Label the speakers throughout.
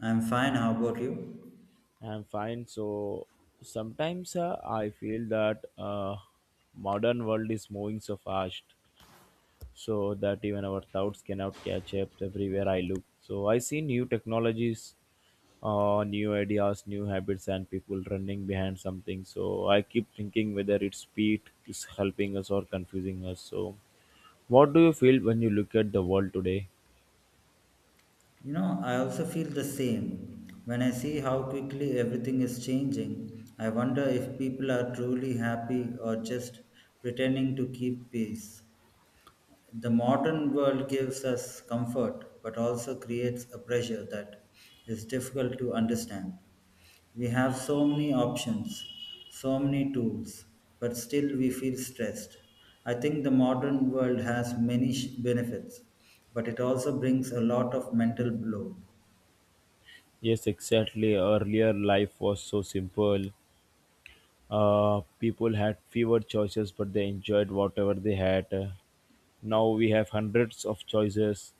Speaker 1: I'm fine. How about you?
Speaker 2: I'm fine. So sometimes I feel that modern world is moving so fast, so that even our thoughts cannot catch up. Everywhere I look, so I see new technologies, new ideas, new habits, and people running behind something. So I keep thinking whether its speed is helping us or confusing us. So what do you feel when you look at the world today?
Speaker 1: You know, I also feel the same. When I see how quickly everything is changing, I wonder if people are truly happy or just pretending to keep peace. The modern world gives us comfort, but also creates a pressure that is difficult to understand. We have so many options, so many tools, but still we feel stressed. I think the modern world has many benefits, but it also brings a lot of mental load.
Speaker 2: Yes, exactly. Earlier life was so simple. People had fewer choices, but they enjoyed whatever they had. Now we have hundreds of choices,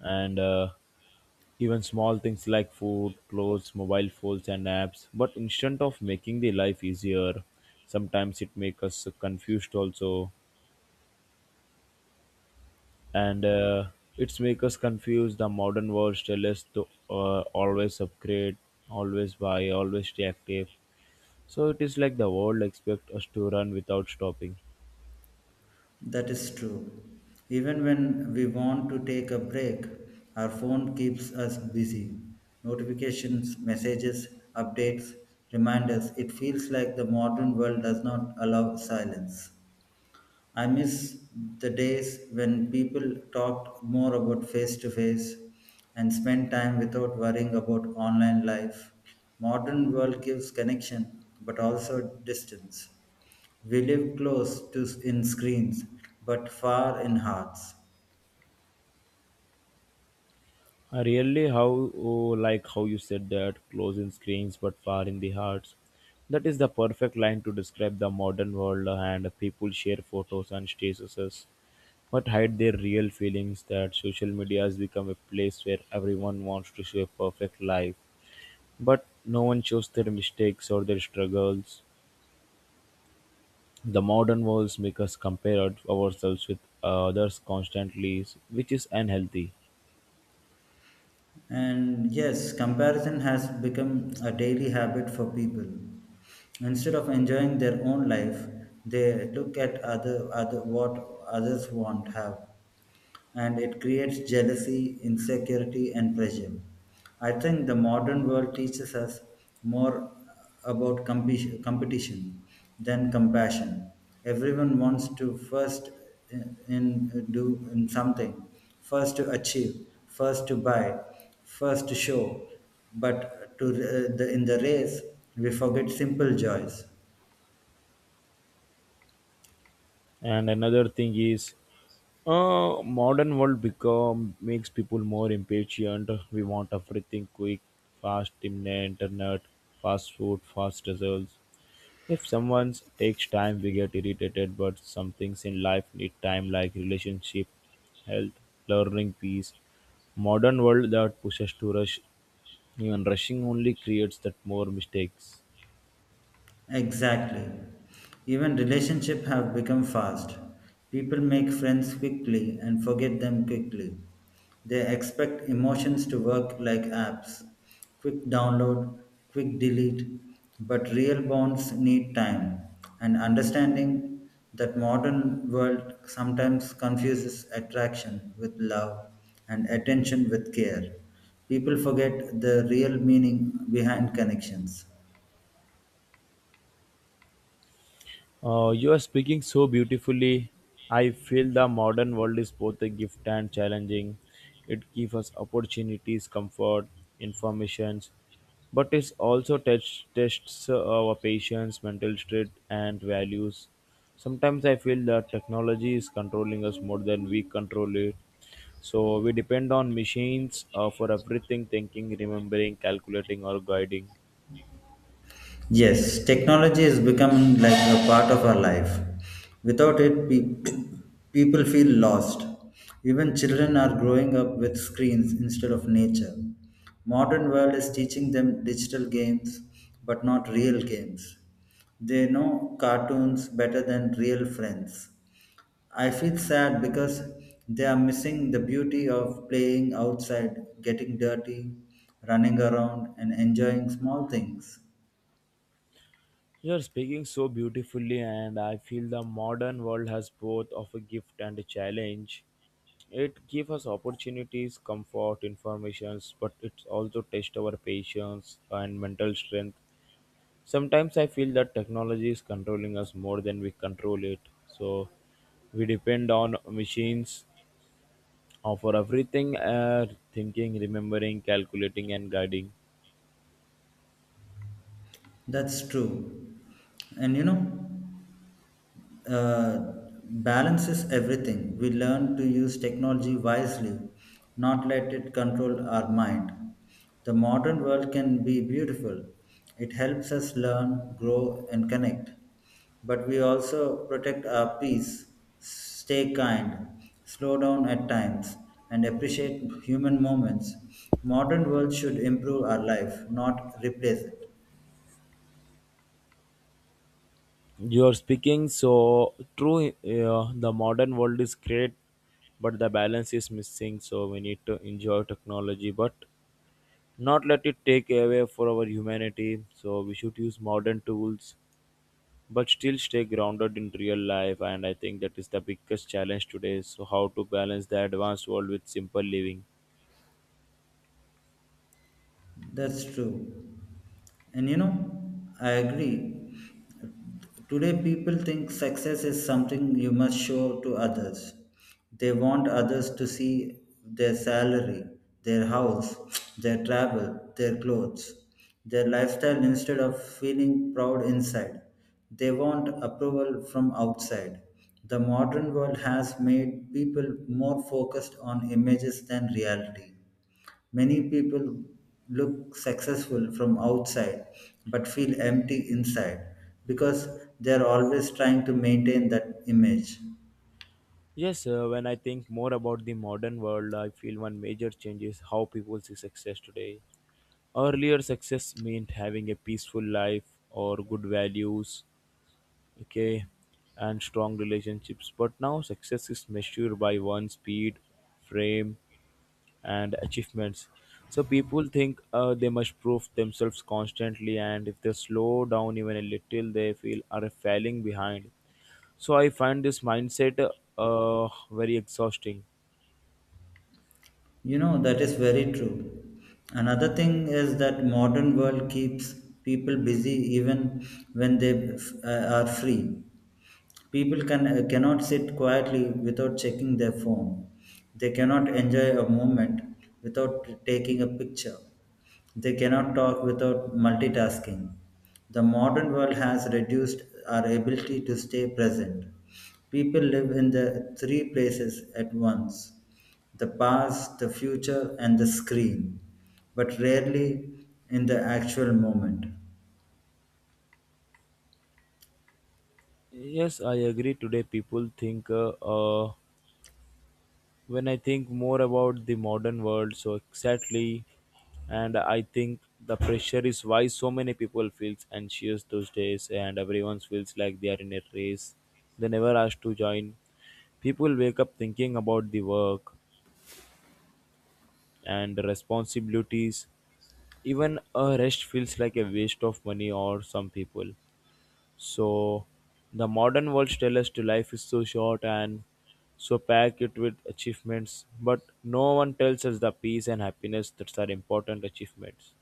Speaker 2: and even small things like food, clothes, mobile phones, and apps. But instead of making the life easier, sometimes it makes us confused also, and it's make us confused. The modern world tells us to always upgrade, always buy, always stay active. So it is like the world expect us to run without stopping.
Speaker 1: That is true. Even when we want to take a break, our phone keeps us busy. Notifications, messages, updates, reminders. It feels like the modern world does not allow silence. I miss the days when people talked more about face to face and spent time without worrying about online life. Modern world gives connection but also distance. We live close to in screens, but far in hearts.
Speaker 2: I really how, oh, like how you said that close in screens but far in the hearts. That is the perfect line to describe the modern world and people share photos and statuses but hide their real feelings that social media has become a place where everyone wants to show a perfect life but no one shows their mistakes or their struggles. The modern world make us compare ourselves with others constantly, which is unhealthy.
Speaker 1: And yes, comparison has become a daily habit for people. Instead of enjoying their own life, they look at other, other what others want have. And it creates jealousy, insecurity, and pressure. I think the modern world teaches us more about compi competition than compassion. Everyone wants to first in- do in something, first to achieve, first to buy, first to show, but in the race we forget simple joys.
Speaker 2: And another thing is, modern world become makes people more impatient. We want everything quick, fast, imminent, internet, fast food, fast results. If someone takes time, we get irritated. But some things in life need time, like relationship, health, learning, peace. Modern world that pushes to rush, even rushing only creates that more mistakes.
Speaker 1: Exactly. Even relationships have become fast. People make friends quickly and forget them quickly. They expect emotions to work like apps, quick download, quick delete. But real bonds need time and understanding that modern world sometimes confuses attraction with love and attention with care. People forget the real meaning behind connections.
Speaker 2: You are speaking so beautifully. I feel the modern world is both a gift and challenging. It gives us opportunities, comfort, informations, but it also tests our patience, mental state, and values. Sometimes I feel that technology is controlling us more than we control it. So we depend on machines for everything thinking, remembering, calculating, or guiding.
Speaker 1: Yes, technology is becoming like a part of our life. Without it, people feel lost. Even children are growing up with screens instead of nature. Modern world is teaching them digital games, but not real games. They know cartoons better than real friends. I feel sad because they are missing the beauty of playing outside, getting dirty, running around, and enjoying small things.
Speaker 2: You're speaking so beautifully, and I feel the modern world has both of a gift and a challenge. It gives us opportunities, comfort, informations, but it also tests our patience and mental strength. Sometimes I feel that technology is controlling us more than we control it. So we depend on machines for everything thinking, remembering, calculating, and guiding.
Speaker 1: That's true. And you know, uh, balance is everything. We learn to use technology wisely, not let it control our mind. The modern world can be beautiful. It helps us learn, grow, and connect. But we also protect our peace, stay kind, slow down at times, and appreciate human moments. Modern world should improve our life, not replace it.
Speaker 2: You're speaking so true. The modern world is great, but the balance is missing. So we need to enjoy technology, but not let it take away for our humanity. So we should use modern tools, but still stay grounded in real life. And I think that is the biggest challenge today. So how to balance the advanced world with simple living.
Speaker 1: That's true. And you know, I agree. Today, people think success is something you must show to others. They want others to see their salary, their house, their travel, their clothes, their lifestyle instead of feeling proud inside. They want approval from outside. The modern world has made people more focused on images than reality. Many people look successful from outside but feel empty inside because they are always trying to maintain that image.
Speaker 2: Yes, when I think more about the modern world, I feel one major change is how people see success today. Earlier success meant having a peaceful life or good values, okay, and strong relationships. But now success is measured by one's speed, frame, and achievements. So people think they must prove themselves constantly, and if they slow down even a little, they feel are falling behind. So I find this mindset very exhausting.
Speaker 1: You know, that is very true. Another thing is that modern world keeps people busy even when they are free. People cannot sit quietly without checking their phone. They cannot enjoy a moment without taking a picture. They cannot talk without multitasking. The modern world has reduced our ability to stay present. People live in the three places at once: the past, the future, and the screen, but rarely in the actual moment.
Speaker 2: Yes, I agree. Today people think uh, when I think more about the modern world, so exactly, and I think the pressure is why so many people feels anxious those days, and everyone feels like they are in a race they never asked to join. People wake up thinking about the work and responsibilities. Even a rest feels like a waste of money or some people. So the modern world tells us to life is so short and so pack it with achievements, but no one tells us the peace and happiness that are important achievements.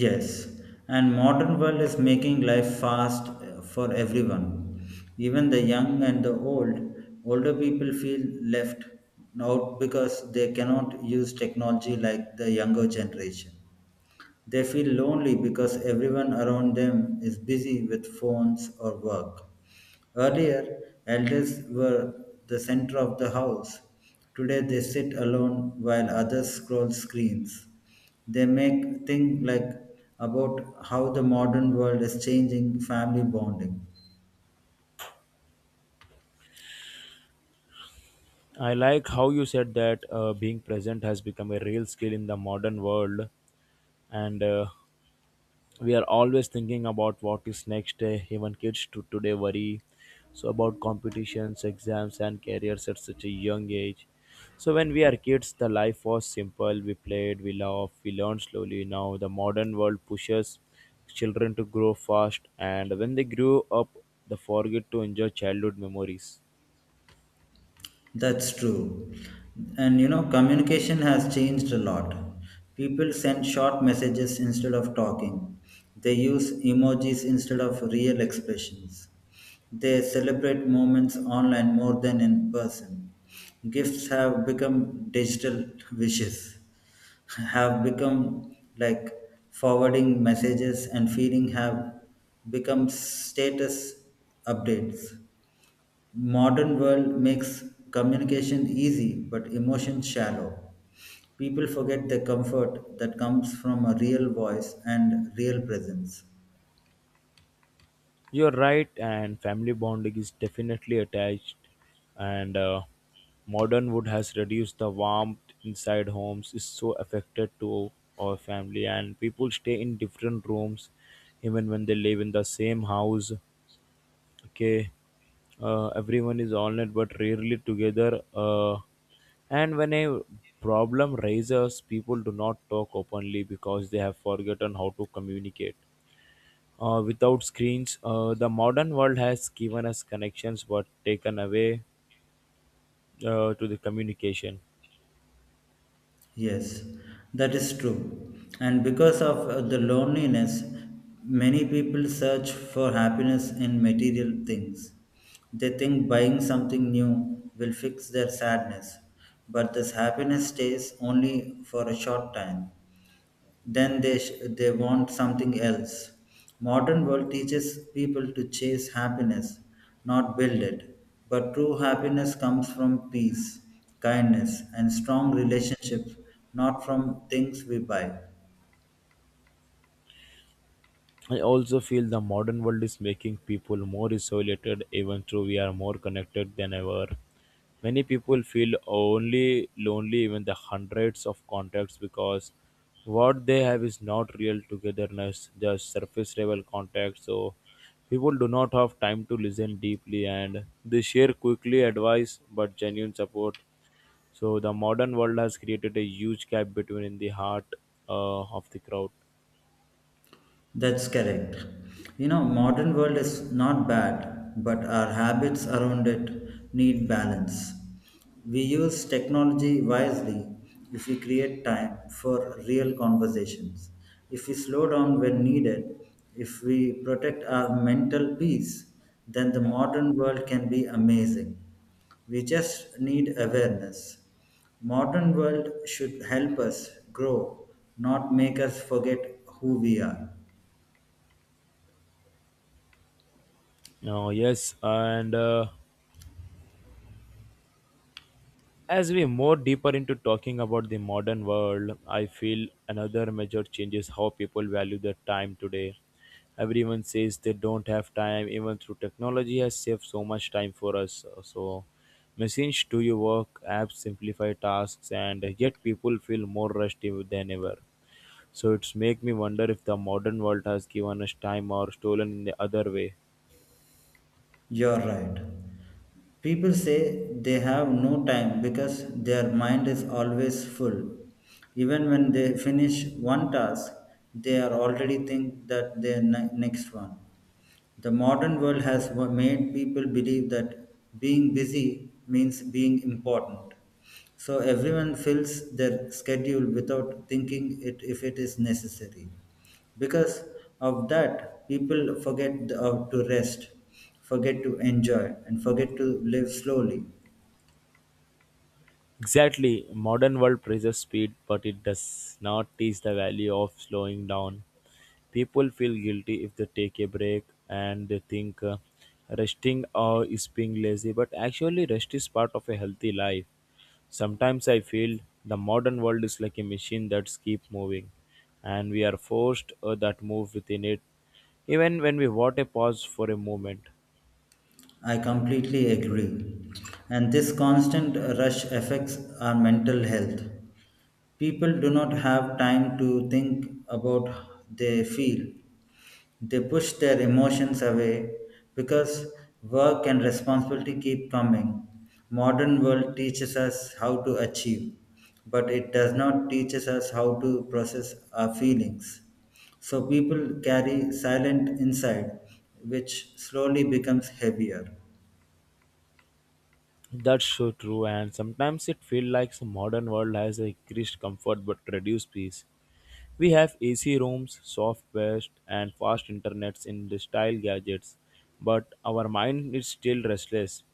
Speaker 1: Yes, and modern world is making life fast for everyone. Even the young and the old, older people feel left out because they cannot use technology like the younger generation. They feel lonely because everyone around them is busy with phones or work. Earlier, elders were the center of the house. Today, they sit alone while others scroll screens. They make think like about how the modern world is changing family bonding.
Speaker 2: I like how you said that being present has become a real skill in the modern world, and we are always thinking about what is next, even kids to today worry so about competitions, exams, and careers at such a young age. So when we are kids, the life was simple. We played, we laughed, we learned slowly. Now the modern world pushes children to grow fast, and when they grow up, they forget to enjoy childhood memories.
Speaker 1: That's true. And you know, communication has changed a lot. People send short messages instead of talking. They use emojis instead of real expressions. They celebrate moments online more than in person. Gifts have become digital, wishes have become like forwarding messages, and feeling have become status updates. Modern world makes communication easy but emotion shallow. People forget the comfort that comes from a real voice and real presence.
Speaker 2: You're right, and family bonding is definitely attached, and modern wood has reduced the warmth inside homes is so affected to our family, and people stay in different rooms even when they live in the same house. Okay, everyone is on it but rarely together. And when a problem rises, people do not talk openly because they have forgotten how to communicate. Without screens, the modern world has given us connections but taken away to the communication.
Speaker 1: Yes, that is true. And because of the loneliness, many people search for happiness in material things. They think buying something new will fix their sadness, but this happiness stays only for a short time. Then they want something else. Modern world teaches people to chase happiness, not build it. But true happiness comes from peace, kindness, and strong relationships, not from things we buy.
Speaker 2: I also feel the modern world is making people more isolated, even though we are more connected than ever. Many people feel only lonely, even the hundreds of contacts, because what they have is not real togetherness, just surface level contact. So people do not have time to listen deeply and they share quickly advice but genuine support. So the modern world has created a huge gap between the heart of the crowd.
Speaker 1: That's correct. You know, modern world is not bad, but our habits around it need balance. We use technology wisely if we create time for real conversations, if we slow down when needed, if we protect our mental peace, then the modern world can be amazing. We just need awareness. Modern world should help us grow, not make us forget who we are.
Speaker 2: Now, yes, and as we more deeper into talking about the modern world, I feel another major change is how people value their time today. Everyone says they don't have time, even through technology has saved so much time for us. So machines do your work, apps simplify tasks, and yet people feel more rushed than ever. So it's make me wonder if the modern world has given us time or stolen in the other way.
Speaker 1: You're right. People say they have no time because their mind is always full. Even when they finish one task, they are already think that their next one. The modern world has made people believe that being busy means being important. So everyone fills their schedule without thinking it if it is necessary. Because of that, people forget to rest, forget to enjoy, and forget to live slowly.
Speaker 2: Exactly, modern world praises speed, but it does not teach the value of slowing down. People feel guilty if they take a break and they think resting or is being lazy, but actually rest is part of a healthy life. Sometimes I feel the modern world is like a machine that's keep moving, and we are forced that move within it, even when we want a pause for a moment.
Speaker 1: I completely agree. And this constant rush affects our mental health. People do not have time to think about they feel. They push their emotions away because work and responsibility keep coming. Modern world teaches us how to achieve, but it does not teaches us how to process our feelings. So people carry silent inside, which slowly becomes heavier.
Speaker 2: That's so true, and sometimes it feels like the modern world has increased comfort but reduced peace. We have AC rooms, soft beds, and fast internets in the style gadgets, but our mind is still restless.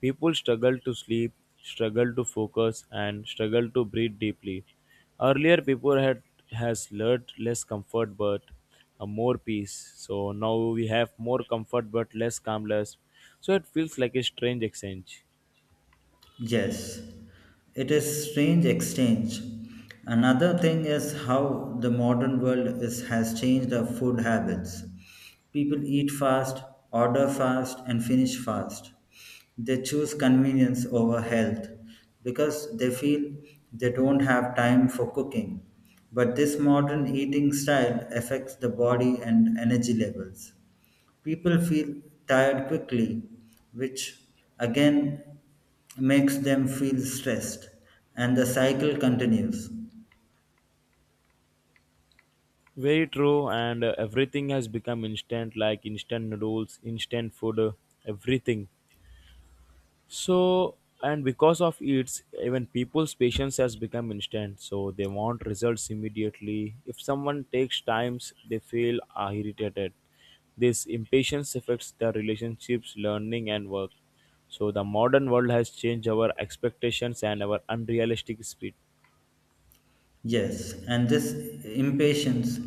Speaker 2: People struggle to sleep, struggle to focus, and struggle to breathe deeply. Earlier, people had has learned less comfort but more peace. So now we have more comfort but less calmness. So it feels like a strange exchange.
Speaker 1: Yes, it is strange exchange. Another thing is how the modern world is, has changed our food habits. People eat fast, order fast, and finish fast. They choose convenience over health because they feel they don't have time for cooking. But this modern eating style affects the body and energy levels. People feel tired quickly, which again makes them feel stressed, and the cycle continues.
Speaker 2: Very true, and everything has become instant, like instant noodles, instant food, everything. So, and because of it, even people's patience has become instant. So they want results immediately. If someone takes times, they feel irritated. This impatience affects their relationships, learning, and work. So the modern world has changed our expectations and our unrealistic speed.
Speaker 1: Yes, and this impatience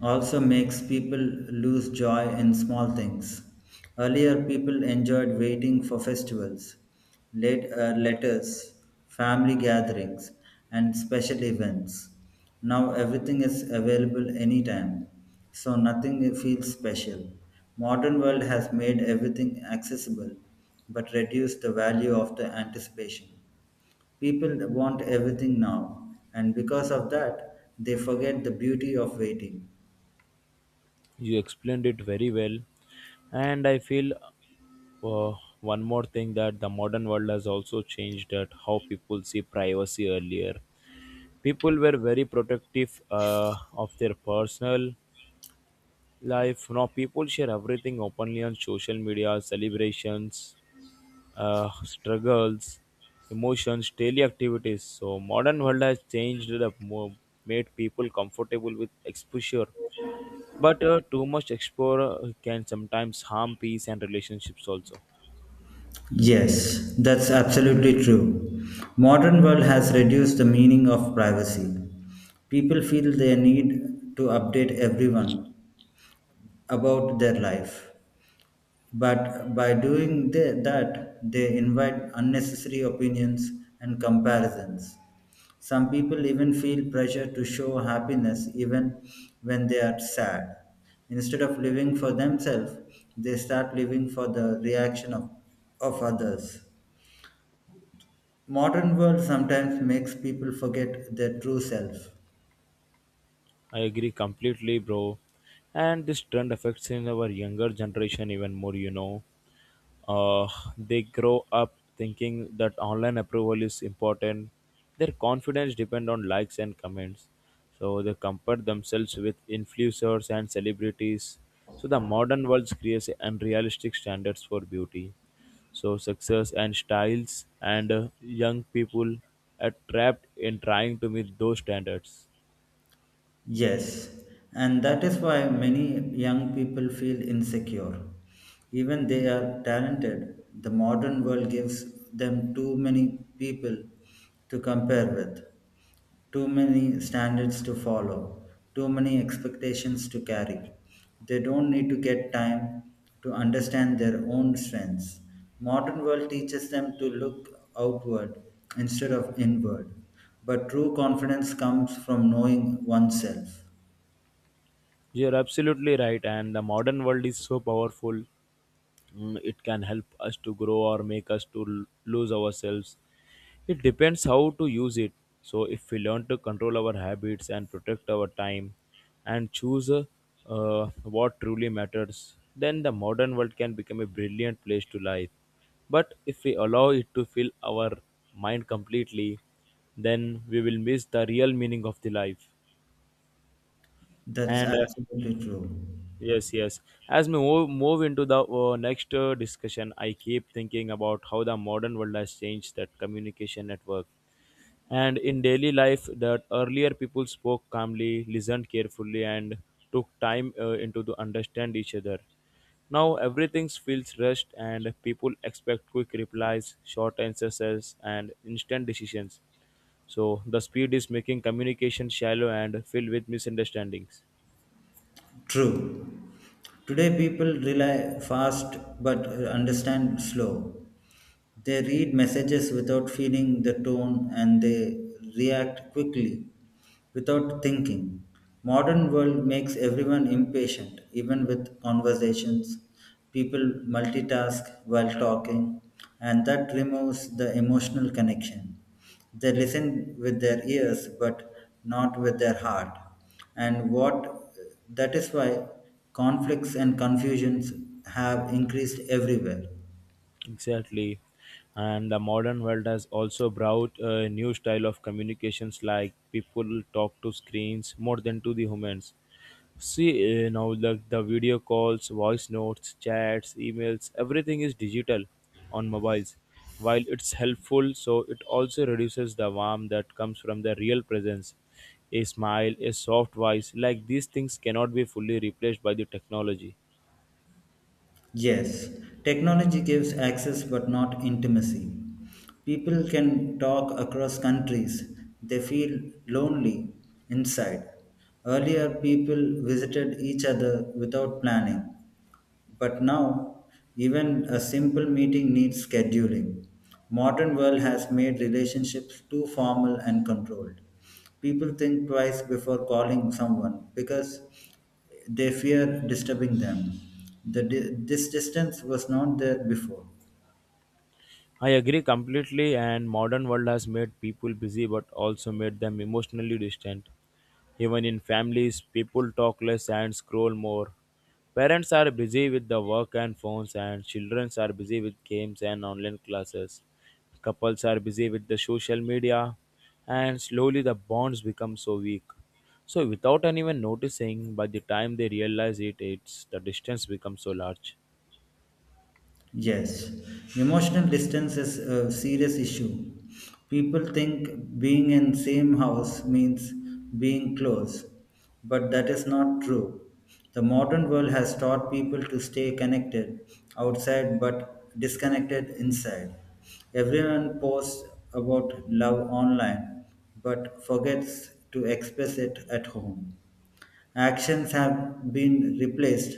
Speaker 1: also makes people lose joy in small things. Earlier, people enjoyed waiting for festivals, letters, family gatherings, and special events. Now, everything is available anytime, so nothing feels special. Modern world has made everything accessible, but reduced the value of the anticipation. People want everything now, and because of that, they forget the beauty of waiting.
Speaker 2: You explained it very well, and I feel Uh, one more thing that the modern world has also changed at how people see privacy earlier. People were very protective of their personal life. Now people share everything openly on social media, celebrations, struggles, emotions, daily activities. So modern world has changed made people comfortable with exposure. But too much exposure can sometimes harm peace and relationships also.
Speaker 1: Yes, that's absolutely true. Modern world has reduced the meaning of privacy. People feel they need to update everyone about their life. But by doing that, they invite unnecessary opinions and comparisons. Some people even feel pressure to show happiness even when they are sad. Instead of living for themselves, they start living for the reaction of others. Modern world sometimes makes people forget their true self.
Speaker 2: I agree completely, bro. And this trend affects in our younger generation even more. Uh, they grow up thinking that online approval is important. Their confidence depend on likes and comments. So they compare themselves with influencers and celebrities. So the modern world creates unrealistic standards for beauty. So success and styles and young people are trapped in trying to meet those standards.
Speaker 1: Yes, and that is why many young people feel insecure. Even they are talented, the modern world gives them too many people to compare with. Too many standards to follow, too many expectations to carry. They don't need to get time to understand their own strengths. Modern world teaches them to look outward instead of inward. But true confidence comes from knowing oneself.
Speaker 2: You're absolutely right, and the modern world is so powerful. It can help us to grow or make us to lose ourselves. It depends how to use it. So, if we learn to control our habits and protect our time and choose uh, what truly matters, then the modern world can become a brilliant place to live. But if we allow it to fill our mind completely, then we will miss the real meaning of the life.
Speaker 1: That's
Speaker 2: And
Speaker 1: absolutely true.
Speaker 2: yes, yes. As we move into the next discussion, I keep thinking about how the modern world has changed that communication network. And in daily life, that earlier people spoke calmly, listened carefully, and took time into to understand each other. Now everything feels rushed, and people expect quick replies, short answers, and instant decisions. So the speed is making communication shallow and filled with misunderstandings.
Speaker 1: True. Today, people rely fast but understand slow. They read messages without feeling the tone and they react quickly without thinking. Modern world makes everyone impatient, even with conversations. People multitask while talking, and that removes the emotional connection. They listen with their ears, but not with their heart. And what that is why conflicts and confusions have increased everywhere.
Speaker 2: Exactly. And the modern world has also brought a new style of communications like people talk to screens more than to the humans. See, now the video calls, voice notes, chats, emails, everything is digital on mobiles. While it's helpful, so it also reduces the warmth that comes from the real presence. A smile, a soft voice, like these things cannot be fully replaced by the technology.
Speaker 1: Yes, technology gives access but not intimacy. People can talk across countries, they feel lonely inside. Earlier, people visited each other without planning. But now, even a simple meeting needs scheduling. Modern world has made relationships too formal and controlled. People think twice before calling someone because they fear disturbing them. This distance was not there before.
Speaker 2: I agree completely, and modern world has made people busy but also made them emotionally distant. Even in families, people talk less and scroll more. Parents are busy with the work and phones, and children are busy with games and online classes. Couples are busy with the social media and slowly the bonds become so weak. So without anyone noticing, by the time they realize it, it's the distance becomes so large.
Speaker 1: Yes, emotional distance is a serious issue. People think being in same house means being close, but that is not true. The modern world has taught people to stay connected outside but disconnected inside. Everyone posts about love online but forgets to express it at home. Actions have been replaced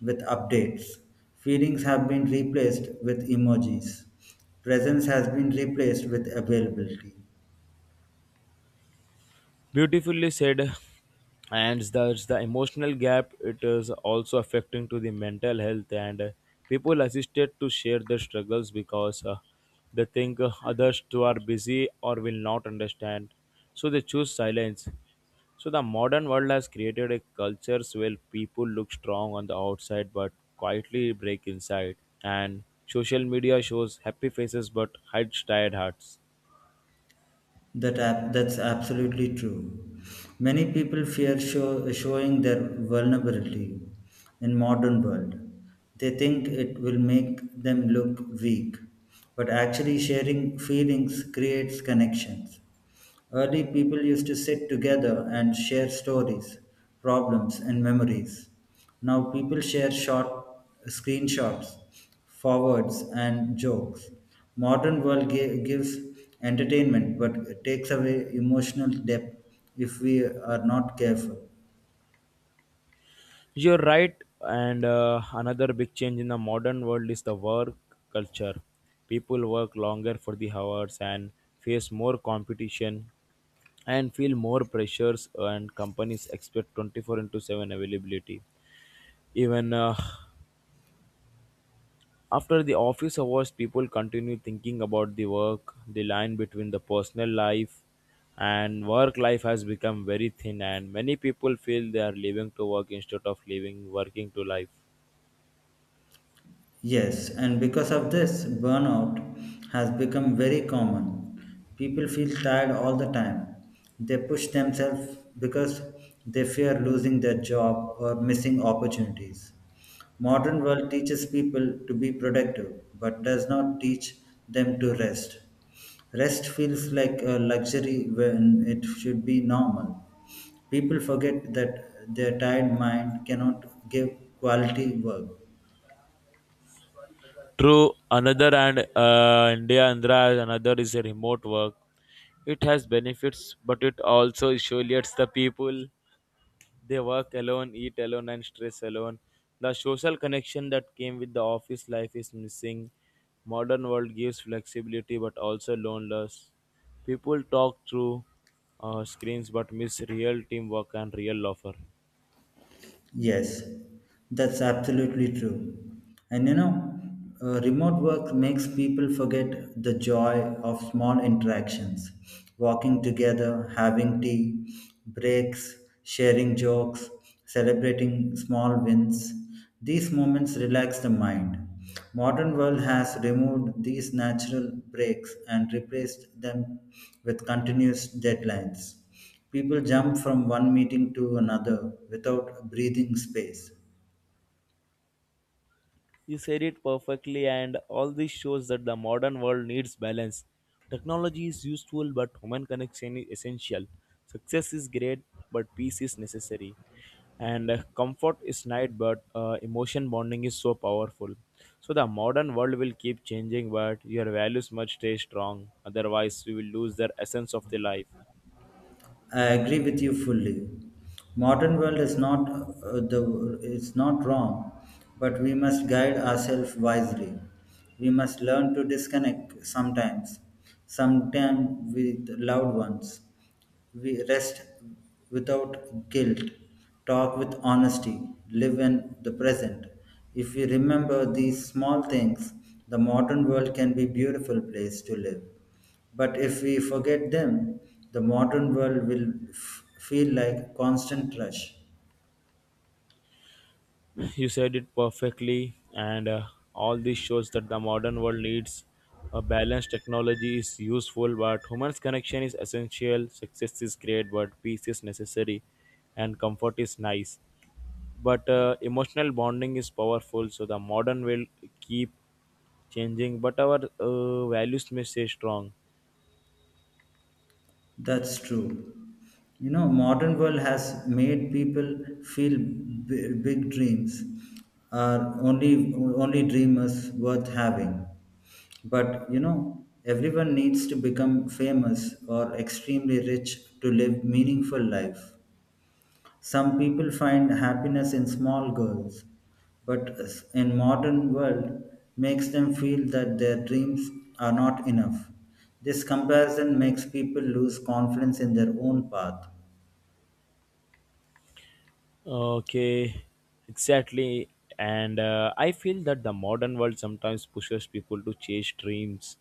Speaker 1: with updates. Feelings have been replaced with emojis. Presence has been replaced with availability.
Speaker 2: Beautifully said. And there's the emotional gap. It is also affecting to the mental health, and people assisted to share their struggles because they think others too are busy or will not understand. So they choose silence. So the modern world has created a culture where people look strong on the outside but quietly break inside. And social media shows happy faces but hides tired hearts.
Speaker 1: That's absolutely true. Many people fear showing their vulnerability in modern world. They think it will make them look weak, but actually sharing feelings creates connections. Early people used to sit together and share stories, problems, and memories. Now people share short screenshots, forwards, and jokes. Modern world gives entertainment but takes away emotional depth if we are not careful.
Speaker 2: You're right, and another big change in the modern world is the work culture. People work longer for the hours and face more competition and feel more pressures, and companies expect 24 into 7 availability. Even after the office hours, people continue thinking about the work. The line between the personal life and work life has become very thin, and many people feel they are living to work instead of living working to life.
Speaker 1: Yes, and because of this, burnout has become very common. People feel tired all the time. They push themselves because they fear losing their job or missing opportunities. Modern world teaches people to be productive but does not teach them to rest. Rest feels like a luxury when it should be normal. People forget that their tired mind cannot give quality work.
Speaker 2: True, another, and India Andhra, another is a remote work. It has benefits, but it also isolates the people. They work alone, eat alone, and stress alone. The social connection that came with the office life is missing. Modern world gives flexibility, but also loneliness. People talk through screens, but miss real teamwork and real offer.
Speaker 1: Yes, that's absolutely true. And you know, remote work makes people forget the joy of small interactions, walking together, having tea, breaks, sharing jokes, celebrating small wins. These moments relax the mind. Modern world has removed these natural breaks and replaced them with continuous deadlines. People jump from one meeting to another without breathing space.
Speaker 2: You said it perfectly, and all this shows that the modern world needs balance. Technology is useful, but human connection is essential. Success is great, but peace is necessary. And comfort is nice, but emotion bonding is so powerful. So, the modern world will keep changing, but your values must stay strong. Otherwise, you will lose their essence of the life.
Speaker 1: I agree with you fully. Modern world is not the it's not wrong, but we must guide ourselves wisely. We must learn to disconnect sometimes, sometimes with loved ones. We rest without guilt, talk with honesty, live in the present. If we remember these small things, the modern world can be beautiful place to live. But if we forget them, the modern world will feel like constant rush.
Speaker 2: You said it perfectly, and all this shows that the modern world needs a balanced technology is useful, but human's connection is essential. Success is great, but peace is necessary, and comfort is nice. But emotional bonding is powerful, so the modern will keep changing, but our values may stay strong.
Speaker 1: That's true. You know, modern world has made people feel big dreams are only only dreamers worth having. But you know, everyone needs to become famous or extremely rich to live meaningful life. Some people find happiness in small goals, but in modern world makes them feel that their dreams are not enough. This comparison makes people lose confidence in their own path.
Speaker 2: Okay, exactly. And I feel that the modern world sometimes pushes people to chase dreams,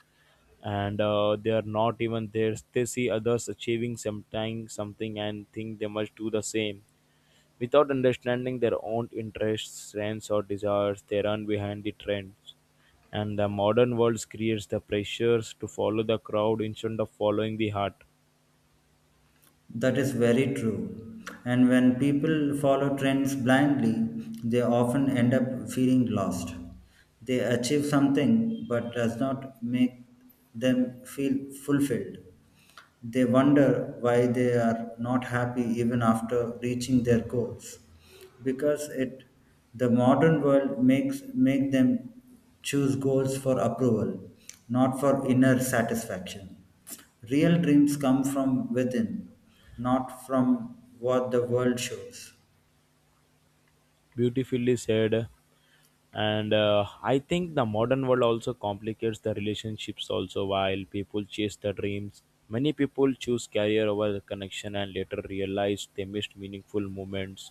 Speaker 2: and they are not even there. They see others achieving sometime something, and think they must do the same, without understanding their own interests, strengths, or desires. They run behind the trends, and the modern world creates the pressures to follow the crowd instead of following the heart.
Speaker 1: That is very true. And when people follow trends blindly, they often end up feeling lost. They achieve something but does not make them feel fulfilled. They wonder why they are not happy even after reaching their goals because it the modern world makes make them choose goals for approval, not for inner satisfaction. Real dreams come from within, not from what the world shows.
Speaker 2: Beautifully said. And I think the modern world also complicates the relationships also while people chase their dreams, many people choose career over the connection and later realize they missed meaningful moments.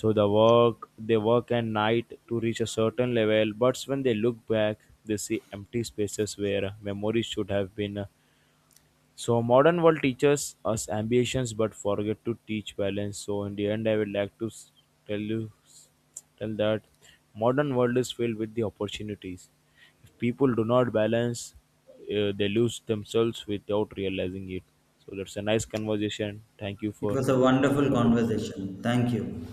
Speaker 2: So the work they work and night to reach a certain level, but when they look back, they see empty spaces where memories should have been. So modern world teaches us ambitions but forget to teach balance. So in the end, I would like to tell you tell that modern world is filled with the opportunities. If people do not balance, they lose themselves without realizing it. So that's a nice conversation. Thank you
Speaker 1: It
Speaker 2: for
Speaker 1: was a
Speaker 2: this
Speaker 1: wonderful
Speaker 2: wonderful conversation.
Speaker 1: conversation. Thank you.